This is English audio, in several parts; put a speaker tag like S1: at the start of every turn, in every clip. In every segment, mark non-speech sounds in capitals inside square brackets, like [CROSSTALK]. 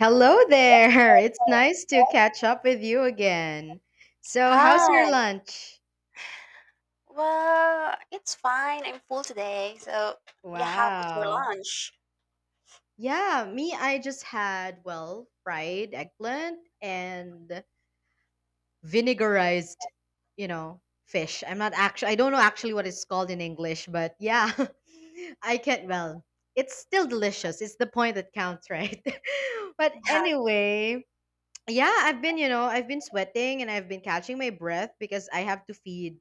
S1: Hello there. [LAUGHS] It's nice to catch up with you again. So, how's your
S2: Hi.
S1: lunch?
S2: Well, it's fine. I'm full today. So, yeah, how about your
S1: Wow.
S2: lunch?
S1: Yeah, me, I just had, well, fried eggplant and vinegarized, fish. I'm not actually, I don't know actually what it's called in English, but yeah, [LAUGHS] I can't, well, it's still delicious. It's the point that counts, right? [LAUGHS] But
S2: Yeah.
S1: anyway, yeah, I've been sweating and I've been catching my breath because I have to feed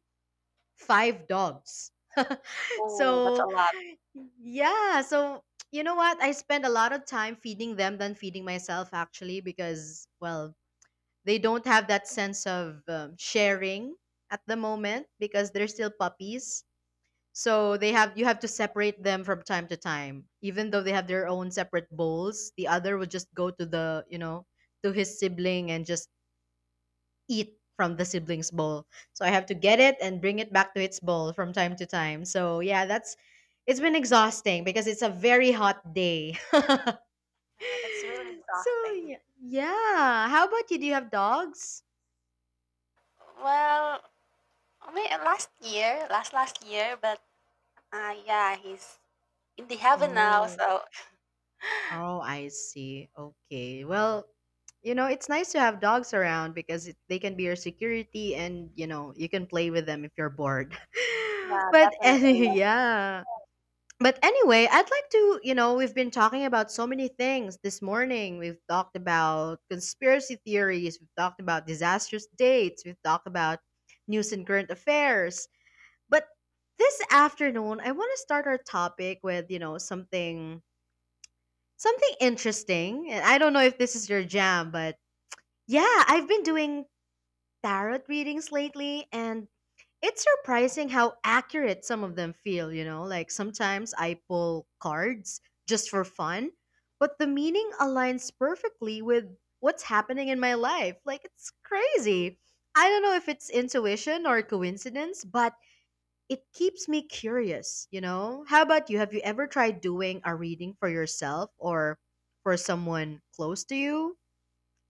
S1: five dogs. [LAUGHS]
S2: Oh, that's
S1: So
S2: a lot.
S1: yeah, so you know what? I spend a lot of time feeding them than feeding myself actually because well, they don't have that sense of sharing at the moment because they're still puppies. So they have you have to separate them from time to time. Even though they have their own separate bowls, the other would just go to the, you know, to his sibling and just eat from the siblings' bowl. So I have to get it and bring it back to its bowl from time to time. So yeah, that's it's been exhausting because it's a very hot day. [LAUGHS]
S2: Yeah, that's really
S1: So
S2: exhausting.
S1: yeah. Yeah. How about you? Do you have dogs?
S2: Well, last year, last year, but yeah, he's in the heaven now.
S1: Oh,
S2: So, [LAUGHS]
S1: oh, I see. Okay. Well, it's nice to have dogs around because they can be your security and, you know, you can play with them if you're bored. [LAUGHS]
S2: yeah,
S1: But any
S2: definitely.
S1: yeah. But anyway, I'd like to, you know, we've been talking about so many things this morning. We've talked about conspiracy theories, we've talked about disastrous dates, we've talked about news and current affairs. But this afternoon, I want to start our topic with, something interesting. And I don't know if this is your jam, but yeah, I've been doing tarot readings lately and it's surprising how accurate some of them feel, you know? Like sometimes I pull cards just for fun, but the meaning aligns perfectly with what's happening in my life. Like it's crazy. I don't know if it's intuition or coincidence, but it keeps me curious, you know? How about you? Have you ever tried doing a reading for yourself or for someone close to you?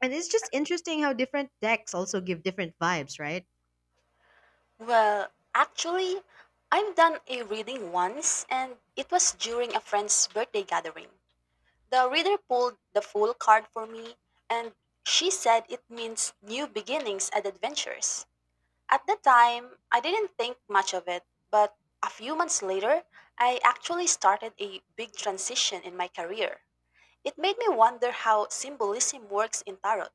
S1: And it's just interesting how different decks also give different vibes, right?
S2: Well, actually, I've done a reading once, and it was during a friend's birthday gathering. The reader pulled the full card for me, and she said it means new beginnings and adventures. At the time, I didn't think much of it, but a few months later, I actually started a big transition in my career. It made me wonder how symbolism works in tarot.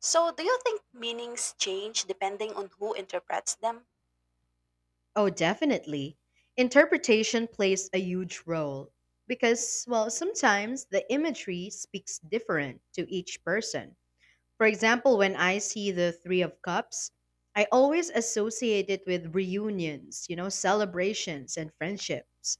S2: So, do you think meanings change depending on who interprets them?
S1: Oh, definitely. Interpretation plays a huge role because, well, sometimes the imagery speaks different to each person. For example, when I see the Three of Cups, I always associate it with reunions, celebrations and friendships.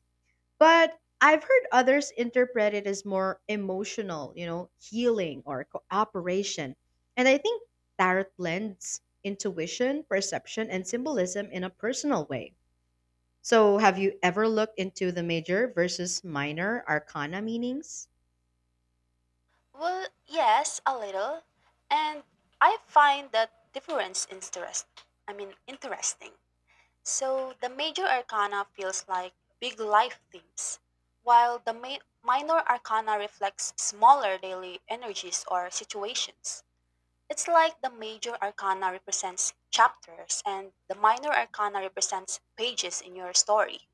S1: But I've heard others interpret it as more emotional, healing or cooperation. And I think tarot blends intuition, perception, and symbolism in a personal way. So, have you ever looked into the major versus minor arcana meanings?
S2: Well, yes, a little. And I find that difference interesting. So the major arcana feels like big life themes, while the minor arcana reflects smaller daily energies or situations. It's like the major arcana represents chapters and the minor arcana represents pages in your story.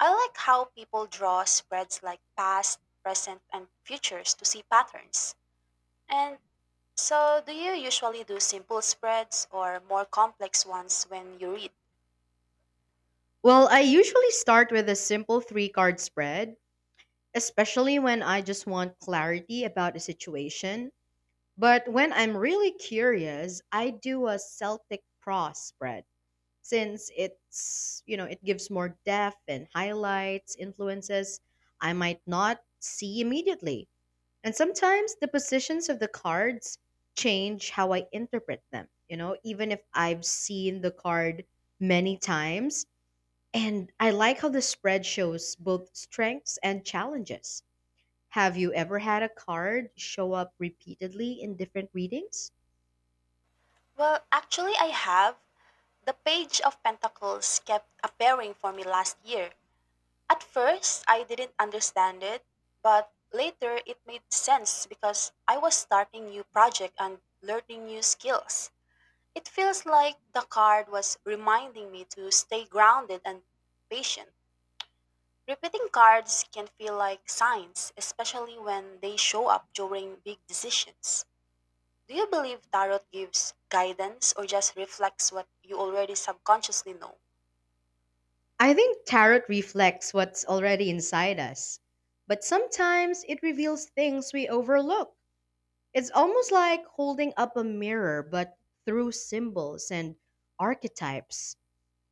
S2: I like how people draw spreads like past, present, and futures to see patterns. And so, do you usually do simple spreads or more complex ones when you read?
S1: Well, I usually start with a simple three card spread, especially when I just want clarity about a situation. But when I'm really curious, I do a Celtic cross spread since it gives more depth and highlights influences I might not see immediately. And sometimes the positions of the cards change how I interpret them. Even if I've seen the card many times. And I like how the spread shows both strengths and challenges. Have you ever had a card show up repeatedly in different readings?
S2: Well, actually, I have. The page of pentacles kept appearing for me last year. At first, I didn't understand it, but later it made sense because I was starting new project and learning new skills. It feels like the card was reminding me to stay grounded and patient. Repeating cards can feel like signs, especially when they show up during big decisions. Do you believe tarot gives guidance or just reflects what you already subconsciously know?
S1: I think tarot reflects what's already inside us, but sometimes it reveals things we overlook. It's almost like holding up a mirror, but through symbols and archetypes.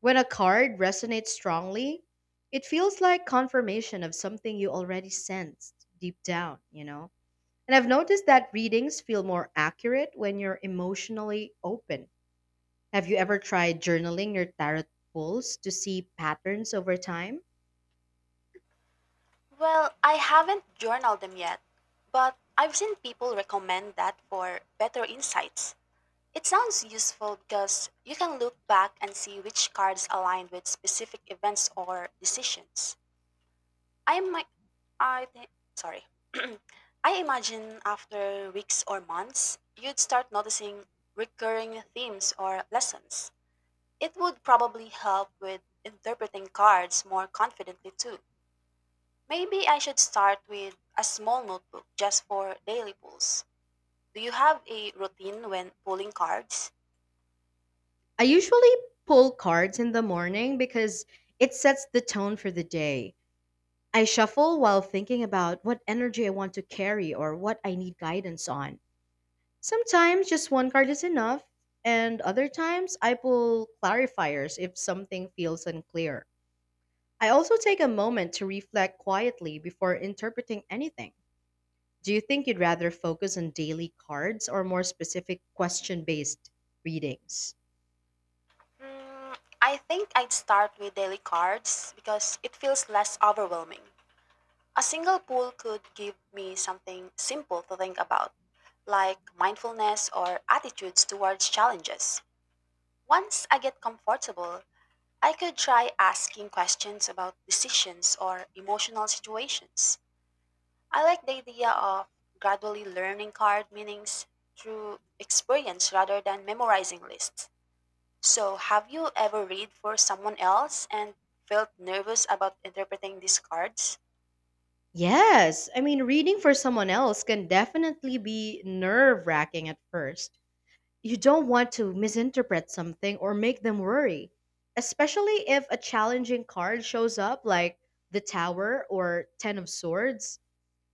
S1: When a card resonates strongly, it feels like confirmation of something you already sensed deep down, you know? And I've noticed that readings feel more accurate when you're emotionally open. Have you ever tried journaling your tarot pulls to see patterns over time?
S2: Well, I haven't journaled them yet, but I've seen people recommend that for better insights. It sounds useful because you can look back and see which cards aligned with specific events or decisions. I might, I think, sorry. [CLEARS THROAT] I imagine after weeks or months, you'd start noticing recurring themes or lessons. It would probably help with interpreting cards more confidently too. Maybe I should start with a small notebook just for daily pulls. Do you have a routine when pulling cards?
S1: I usually pull cards in the morning because it sets the tone for the day. I shuffle while thinking about what energy I want to carry or what I need guidance on. Sometimes just one card is enough, and other times I pull clarifiers if something feels unclear. I also take a moment to reflect quietly before interpreting anything. Do you think you'd rather focus on daily cards or more specific question based readings?
S2: Hmm, I think I'd start with daily cards because it feels less overwhelming. A single pull could give me something simple to think about, like mindfulness or attitudes towards challenges. Once I get comfortable, I could try asking questions about decisions or emotional situations. I like the idea of gradually learning card meanings through experience rather than memorizing lists. So, have you ever read for someone else and felt nervous about interpreting these cards?
S1: Yes, I mean, reading for someone else can definitely be nerve wracking at first. You don't want to misinterpret something or make them worry, especially if a challenging card shows up like the Tower or Ten of Swords.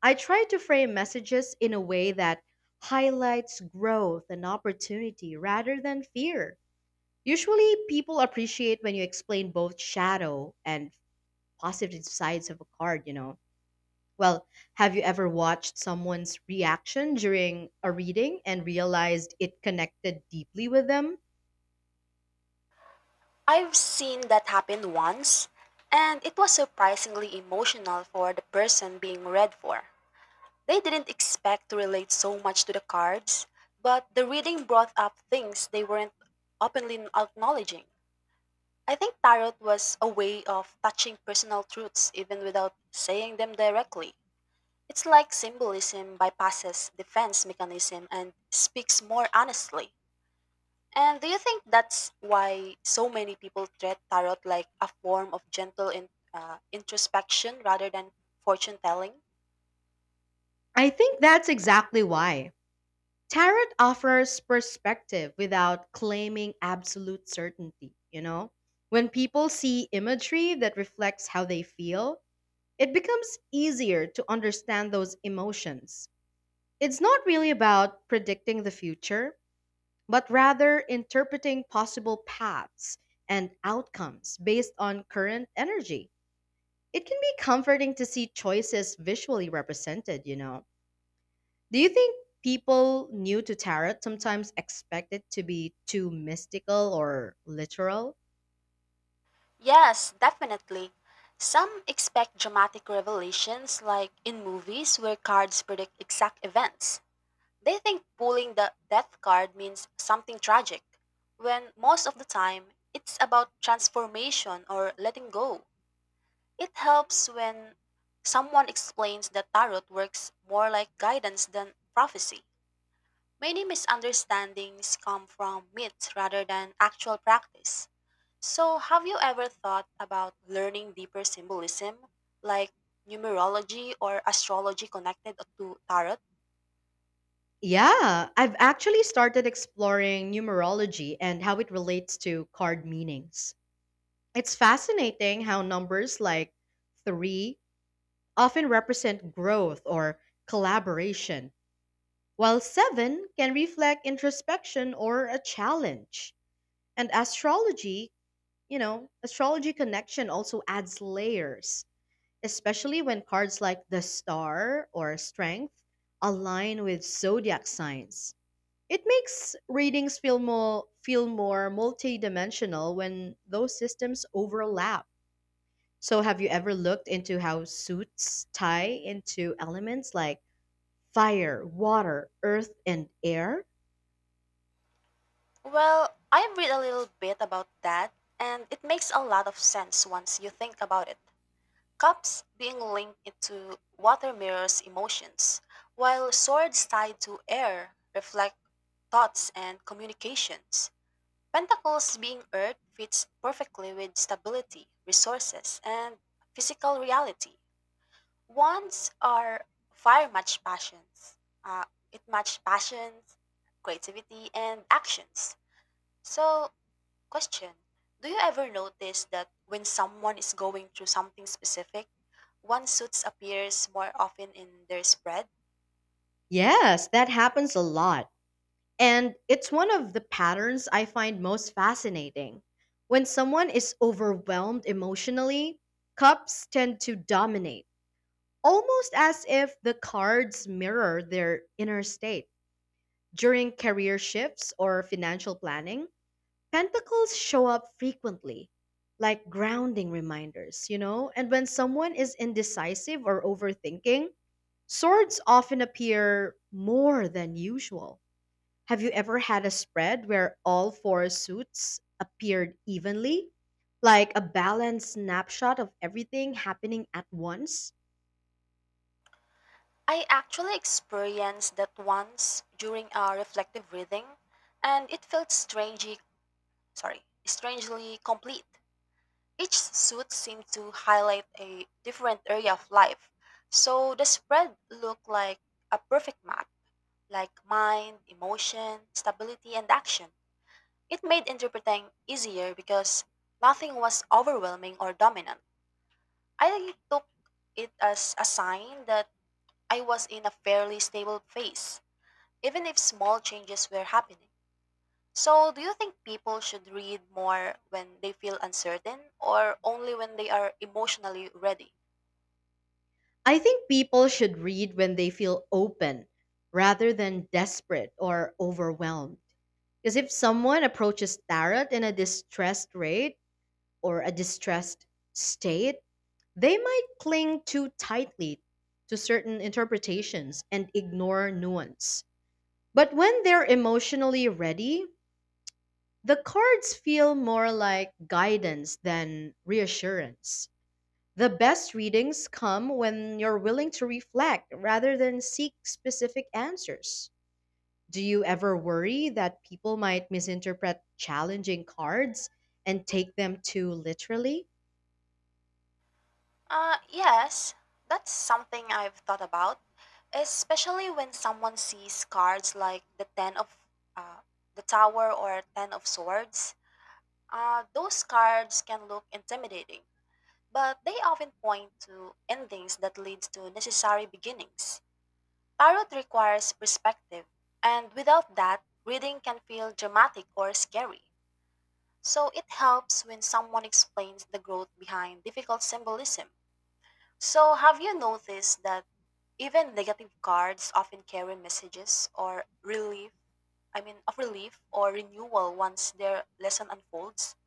S1: I try to frame messages in a way that highlights growth and opportunity rather than fear. Usually, people appreciate when you explain both shadow and positive sides of a card, you know. Well, have you ever watched someone's reaction during a reading and realized it connected deeply with them?
S2: I've seen that happen once, and it was surprisingly emotional for the person being read for. They didn't expect to relate so much to the cards, but the reading brought up things they weren't openly acknowledging. I think tarot was a way of touching personal truths even without saying them directly. It's like symbolism bypasses defense mechanism and speaks more honestly. And do you think that's why so many people treat tarot like a form of gentle introspection rather than fortune telling?
S1: I think that's exactly why. Tarot offers perspective without claiming absolute certainty, you know? When people see imagery that reflects how they feel, it becomes easier to understand those emotions. It's not really about predicting the future, but rather interpreting possible paths and outcomes based on current energy. It can be comforting to see choices visually represented, you know? Do you think people new to tarot sometimes expect it to be too mystical or literal?
S2: Yes, definitely. Some expect dramatic revelations like in movies where cards predict exact events. They think pulling the death card means something tragic, when most of the time it's about transformation or letting go. It helps when someone explains that tarot works more like guidance than prophecy. Many misunderstandings come from myths rather than actual practice. So, have you ever thought about learning deeper symbolism, like numerology or astrology connected to tarot?
S1: Yeah, I've actually started exploring numerology and how it relates to card meanings. It's fascinating how numbers like three often represent growth or collaboration, while seven can reflect introspection or a challenge. And astrology, astrology connection also adds layers especially when cards like the star or strength align with zodiac signs. It makes readings feel more multidimensional when those systems overlap. So have you ever looked into how suits tie into elements like fire, water, earth and air?
S2: Well, I read a little bit about that, and it makes a lot of sense once you think about it. Cups being linked into water mirrors emotions, while swords tied to air reflect thoughts and communications. Pentacles being earth fits perfectly with stability, resources, and physical reality. Wands are fire match passions. Uh, it match passions, creativity, and actions. So, question, do you ever notice that when someone is going through something specific, one suits appears more often in their spread?
S1: Yes, that happens a lot. And it's one of the patterns I find most fascinating. When someone is overwhelmed emotionally, cups tend to dominate, almost as if the cards mirror their inner state. During career shifts or financial planning, pentacles show up frequently, like grounding reminders, you know? And when someone is indecisive or overthinking, swords often appear more than usual. Have you ever had a spread where all four suits appeared evenly? Like a balanced snapshot of everything happening at once?
S2: I actually experienced that once during a reflective reading, and it felt strangely complete. Each suit seemed to highlight a different area of life, so the spread looked like a perfect map, like mind, emotion, stability, and action. It made interpreting easier because nothing was overwhelming or dominant. I took it as a sign that I was in a fairly stable phase, even if small changes were happening. So, do you think people should read more when they feel uncertain or only when they are emotionally ready?
S1: I think people should read when they feel open rather than desperate or overwhelmed. Because if someone approaches tarot in a distressed state, they might cling too tightly to certain interpretations and ignore nuance. But when they're emotionally ready, the cards feel more like guidance than reassurance. The best readings come when you're willing to reflect rather than seek specific answers. Do you ever worry that people might misinterpret challenging cards and take them too literally?
S2: Yes, that's something I've thought about, especially when someone sees cards like the Ten of uh, the Tower or Ten of Swords. Those cards can look intimidating, but they often point to endings that leads to necessary beginnings. Tarot requires perspective, and without that, reading can feel dramatic or scary. So it helps when someone explains the growth behind difficult symbolism. So have you noticed that even negative cards often carry messages or relief, I mean of relief or renewal once their lesson unfolds?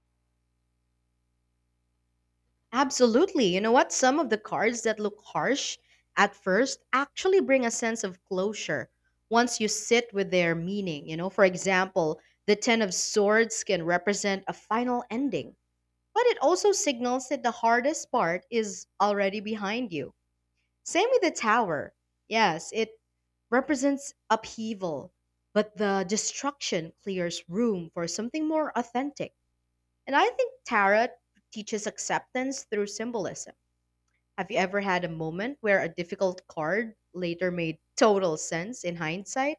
S1: Absolutely. You know what? Some of the cards that look harsh at first actually bring a sense of closure once you sit with their meaning. For example, the Ten of Swords can represent a final ending, but it also signals that the hardest part is already behind you. Same with the Tower. Yes, it represents upheaval, but the destruction clears room for something more authentic. And I think tarot teaches acceptance through symbolism. Have you ever had a moment where a difficult card later made total sense in hindsight?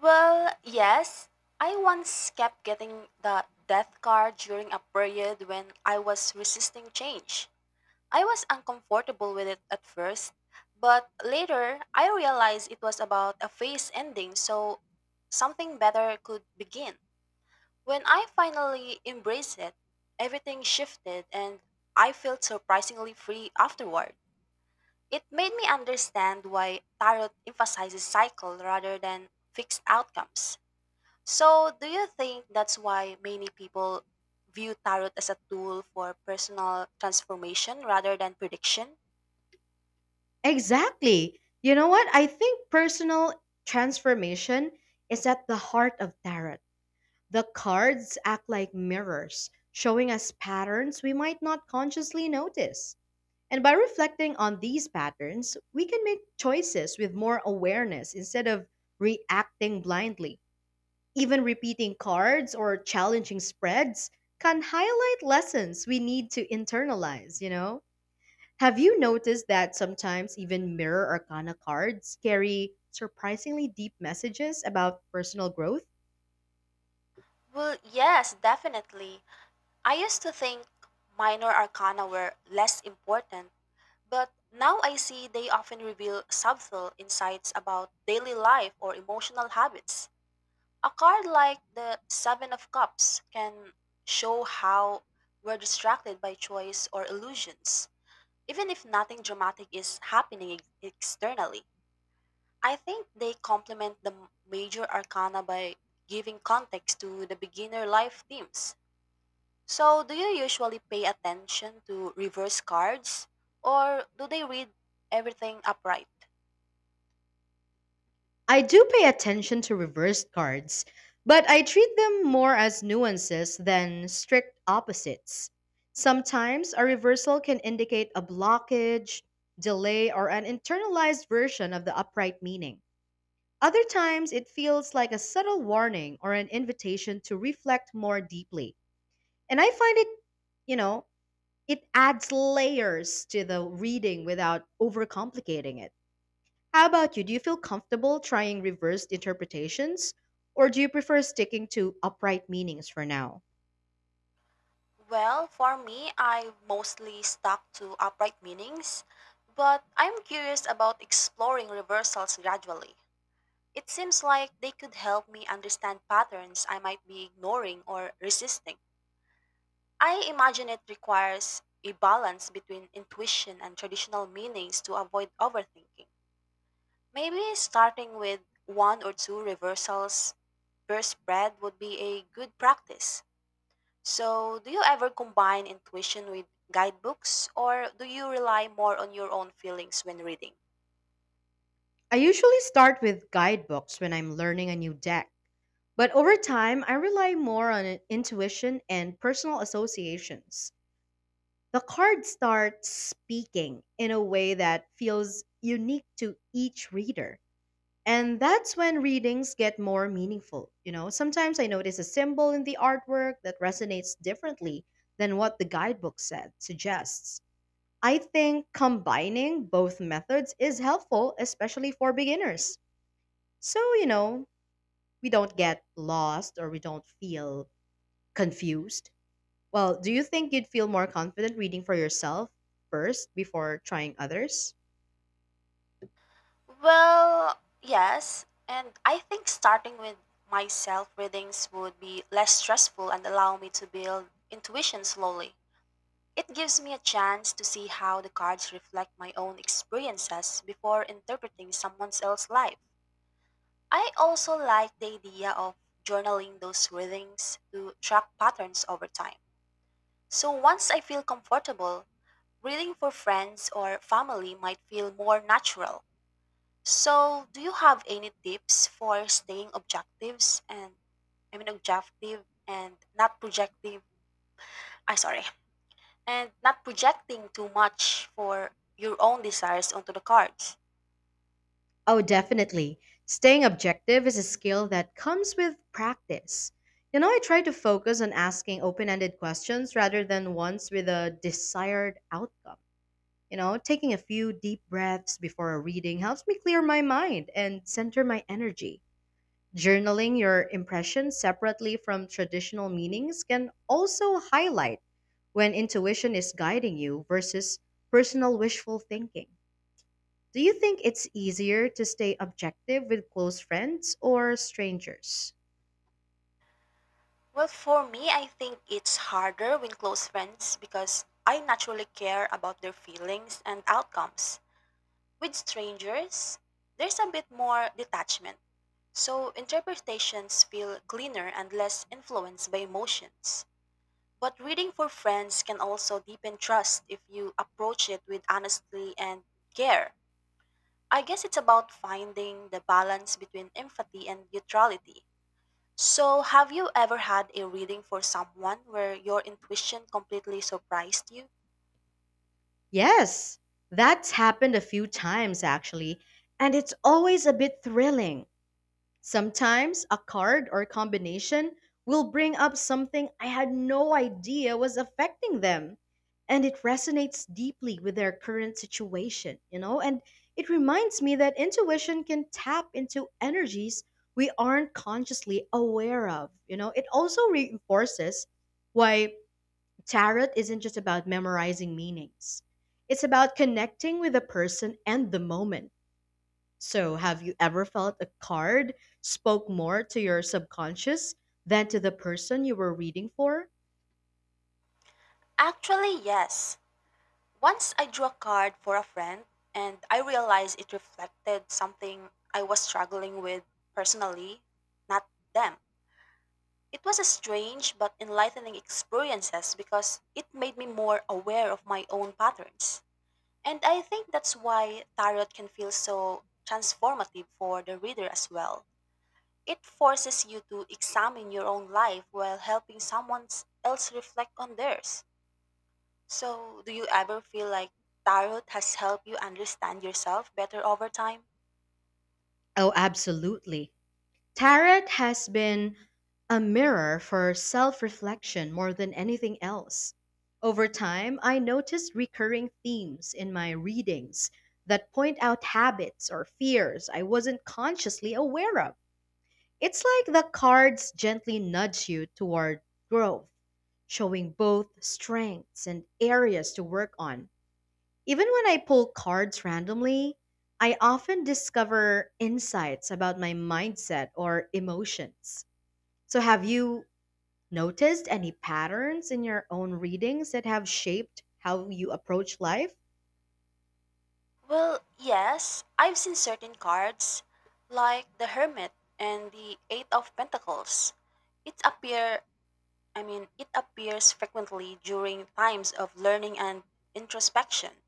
S2: Well, yes. I once kept getting the death card during a period when I was resisting change. I was uncomfortable with it at first, but later I realized it was about a phase ending, so something better could begin. When I finally embraced it, everything shifted and I felt surprisingly free afterward. It made me understand why tarot emphasizes cycle rather than fixed outcomes. So, do you think that's why many people view tarot as a tool for personal transformation rather than prediction?
S1: Exactly. You know what? I think personal transformation is at the heart of tarot. The cards act like mirrors, showing us patterns we might not consciously notice. And by reflecting on these patterns, we can make choices with more awareness instead of reacting blindly. Even repeating cards or challenging spreads can highlight lessons we need to internalize, you know? Have you noticed that sometimes even mirror arcana cards carry surprisingly deep messages about personal growth?
S2: Well, yes, definitely. I used to think minor arcana were less important, but now I see they often reveal subtle insights about daily life or emotional habits. A card like the Seven of Cups can show how we're distracted by choice or illusions. Even if nothing dramatic is happening externally, I think they complement the major arcana by giving context to the beginner life themes. So, do you usually pay attention to reverse cards or do they read everything upright?
S1: I do pay attention to reversed cards, but I treat them more as nuances than strict opposites. Sometimes a reversal can indicate a blockage, delay, or an internalized version of the upright meaning. Other times, it feels like a subtle warning or an invitation to reflect more deeply. And I find you know, it adds layers to the reading without overcomplicating it. How about you? Do you feel comfortable trying reversed interpretations, or do you prefer sticking to upright meanings for now?
S2: Well, for me, I mostly stuck to upright meanings, but I'm curious about exploring reversals gradually. It seems like they could help me understand patterns I might be ignoring or resisting. I imagine it requires a balance between intuition and traditional meanings to avoid overthinking. Maybe starting with one or two reversals per spread would be a good practice. So, do you ever combine intuition with guidebooks or do you rely more on your own feelings when reading?
S1: I usually start with guidebooks when I'm learning a new deck, but over time, I rely more on intuition and personal associations. The card starts speaking in a way that feels unique to each reader. And that's when readings get more meaningful. Sometimes I notice a symbol in the artwork that resonates differently than what the guidebook said suggests. I think combining both methods is helpful, especially for beginners. So, we don't get lost or we don't feel confused. Well, do you think you'd feel more confident reading for yourself first before trying others?
S2: Well, yes, and I think starting with myself readings would be less stressful and allow me to build intuition slowly. It gives me a chance to see how the cards reflect my own experiences before interpreting someone else's life. I also like the idea of journaling those readings to track patterns over time. So once I feel comfortable, reading for friends or family might feel more natural. So, do you have any tips for staying objective and not projective? I sorry, and not projecting too much for your own desires onto the cards?
S1: Oh, definitely. Staying objective is a skill that comes with practice. I try to focus on asking open ended questions rather than ones with a desired outcome. Taking a few deep breaths before a reading helps me clear my mind and center my energy. Journaling your impressions separately from traditional meanings can also highlight when intuition is guiding you versus personal wishful thinking. Do you think it's easier to stay objective with close friends or strangers?
S2: Well, for me, I think it's harder with close friends because I naturally care about their feelings and outcomes. With strangers, there's a bit more detachment, so interpretations feel cleaner and less influenced by emotions. But reading for friends can also deepen trust if you approach it with honesty and care. I guess it's about finding the balance between empathy and neutrality. So, have you ever had a reading for someone where your intuition completely surprised you?
S1: Yes, that's happened a few times actually, and it's always a bit thrilling. Sometimes a card or combination will bring up something I had no idea was affecting them. And it resonates deeply with their current situation, you know? And it reminds me that intuition can tap into energies we aren't consciously aware of, you know? It also reinforces why tarot isn't just about memorizing meanings, it's about connecting with the person and the moment. So, have you ever felt a card spoke more to your subconscious than to the person you were reading for?
S2: Actually, yes. Once I drew a card for a friend and I realized it reflected something I was struggling with personally, not them. It was a strange but enlightening experiences because it made me more aware of my own patterns. And I think that's why tarot can feel so transformative for the reader as well. It forces you to examine your own life while helping someone else reflect on theirs. So, do you ever feel like tarot has helped you understand yourself better over time?
S1: Oh, absolutely. Tarot has been a mirror for self reflection more than anything else. Over time, I noticed recurring themes in my readings that point out habits or fears I wasn't consciously aware of. It's like the cards gently nudge you toward growth, showing both strengths and areas to work on. Even when I pull cards randomly, I often discover insights about my mindset or emotions. So, have you noticed any patterns in your own readings that have shaped how you approach life?
S2: Well, yes, I've seen certain cards, like the Hermit and the Eight of Pentacles. It appear, it appears frequently during times of learning and introspection.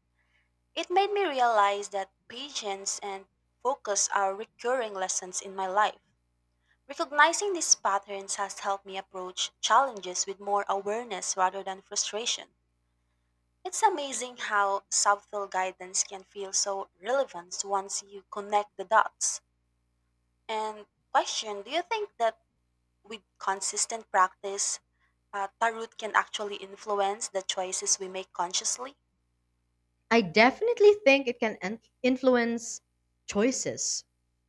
S2: It made me realize that patience and focus are recurring lessons in my life. Recognizing these patterns has helped me approach challenges with more awareness rather than frustration. It's amazing how subtle guidance can feel so relevant once you connect the dots. And question, do you think that with consistent practice, tarot can actually influence the choices we make consciously?
S1: I definitely think it can influence choices,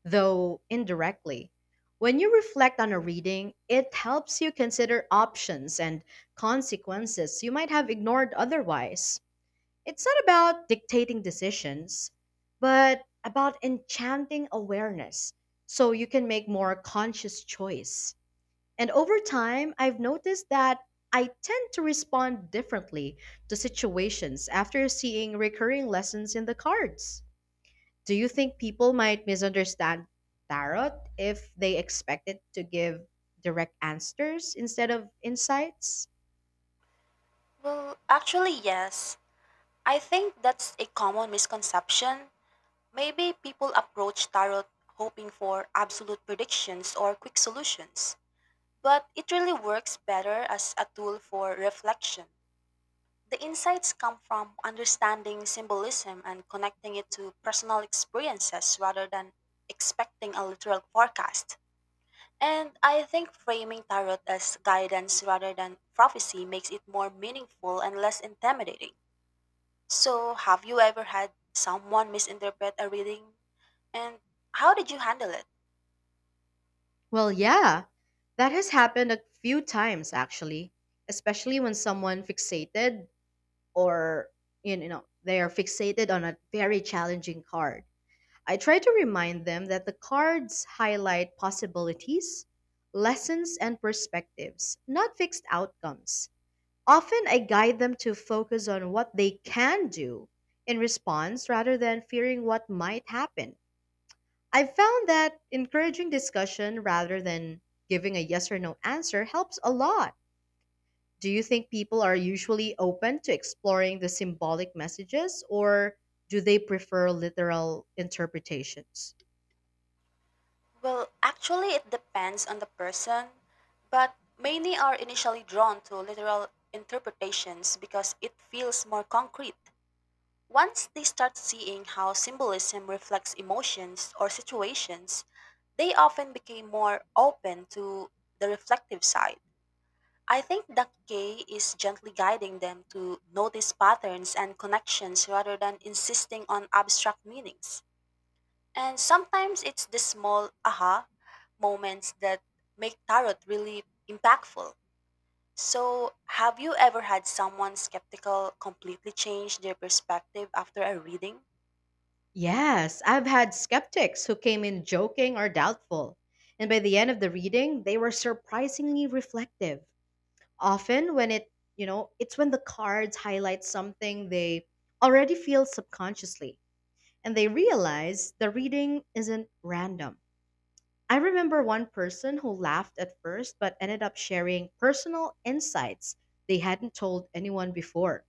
S1: though indirectly. When you reflect on a reading, it helps you consider options and consequences you might have ignored otherwise. It's not about dictating decisions, but about enchanting awareness so you can make more conscious choice. And over time, I've noticed that I tend to respond differently to situations after seeing recurring lessons in the cards. Do you think people might misunderstand tarot if they expect it to give direct answers instead of insights?
S2: Well, actually, yes. I think that's a common misconception. Maybe people approach tarot hoping for absolute predictions or quick solutions, but it really works better as a tool for reflection. The insights come from understanding symbolism and connecting it to personal experiences rather than expecting a literal forecast. And I think framing tarot as guidance rather than prophecy makes it more meaningful and less intimidating. So, have you ever had someone misinterpret a reading? And how did you handle it?
S1: Well, yeah, that has happened a few times actually, especially when someone fixated or, you know, they are fixated on a very challenging card. I try to remind them that the cards highlight possibilities, lessons, and perspectives, not fixed outcomes. Often, I guide them to focus on what they can do in response rather than fearing what might happen. I've found that encouraging discussion rather than giving a yes or no answer helps a lot. Do you think people are usually open to exploring the symbolic messages or do they prefer literal interpretations?
S2: Well, actually, it depends on the person, but many are initially drawn to literal interpretations because it feels more concrete. Once they start seeing how symbolism reflects emotions or situations, they often became more open to the reflective side. I think the K is gently guiding them to notice patterns and connections rather than insisting on abstract meanings. And sometimes it's the small aha moments that make tarot really impactful. So, have you ever had someone skeptical completely change their perspective after a reading?
S1: Yes, I've had skeptics who came in joking or doubtful, and by the end of the reading, they were surprisingly reflective. Often when it's when the cards highlight something they already feel subconsciously, and they realize the reading isn't random. I remember one person who laughed at first but ended up sharing personal insights they hadn't told anyone before.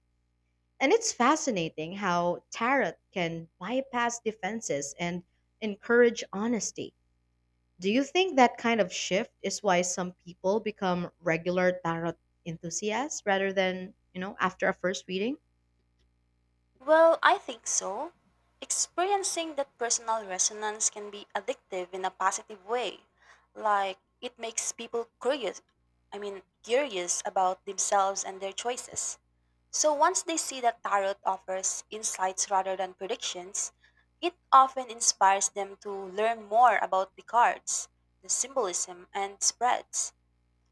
S1: And it's fascinating how tarot can bypass defenses and encourage honesty. Do you think that kind of shift is why some people become regular tarot enthusiasts rather than after a first reading?
S2: Well, I think so. Experiencing that personal resonance can be addictive in a positive way. Like it makes people curious about themselves and their choices. So once they see that tarot offers insights rather than predictions, it often inspires them to learn more about the cards, the symbolism, and spreads.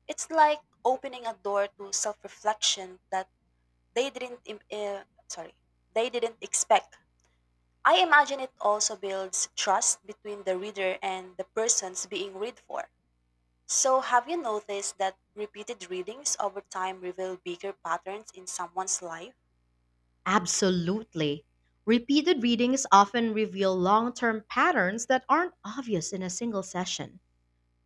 S2: It's like opening a door to self reflection that they didn't im- uh, sorry they didn't expect. I imagine it also builds trust between the reader and the persons being read for. So have you noticed that repeated readings over time reveal bigger patterns in someone's life?
S1: Absolutely. Repeated readings often reveal long term patterns that aren't obvious in a single session.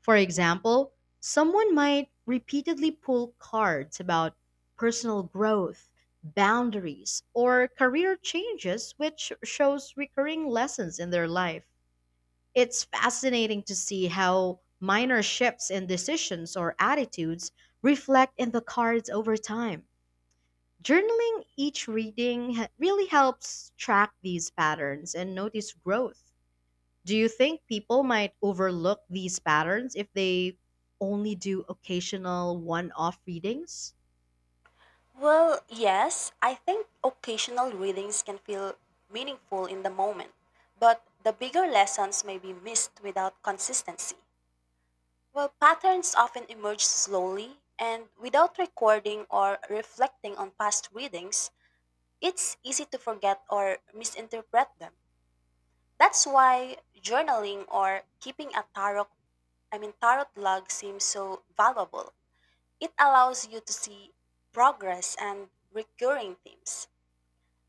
S1: For example, someone might repeatedly pull cards about personal growth, boundaries, or career changes, which shows recurring lessons in their life. It's fascinating to see how minor shifts in decisions or attitudes reflect in the cards over time. Journaling each reading really helps track these patterns and notice growth. Do you think people might overlook these patterns if they only do occasional one off readings?
S2: Well, yes, I think occasional readings can feel meaningful in the moment, but the bigger lessons may be missed without consistency. Well, patterns often emerge slowly, and without recording or reflecting on past readings, it's easy to forget or misinterpret them. That's why journaling or keeping a tarot, I mean tarot log seems so valuable. It allows you to see progress and recurring themes.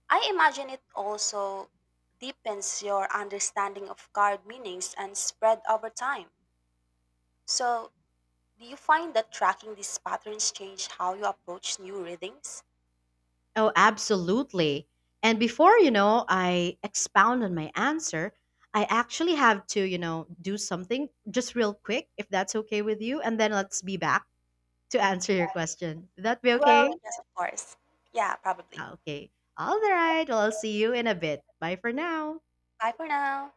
S2: I imagine it also deepens your understanding of card meanings and spread over time. So, do you find that tracking these patterns change how you approach new readings?
S1: Oh, absolutely. And before, you know, I expound on my answer, I actually have to, you know, do something just real quick if that's okay with you. And then let's be back to answer your question. Would that be
S2: Well,
S1: okay?
S2: yes, of course. Yeah, probably.
S1: Ah, okay. All right. Well, I'll see you in a bit. Bye for now.
S2: Bye for now.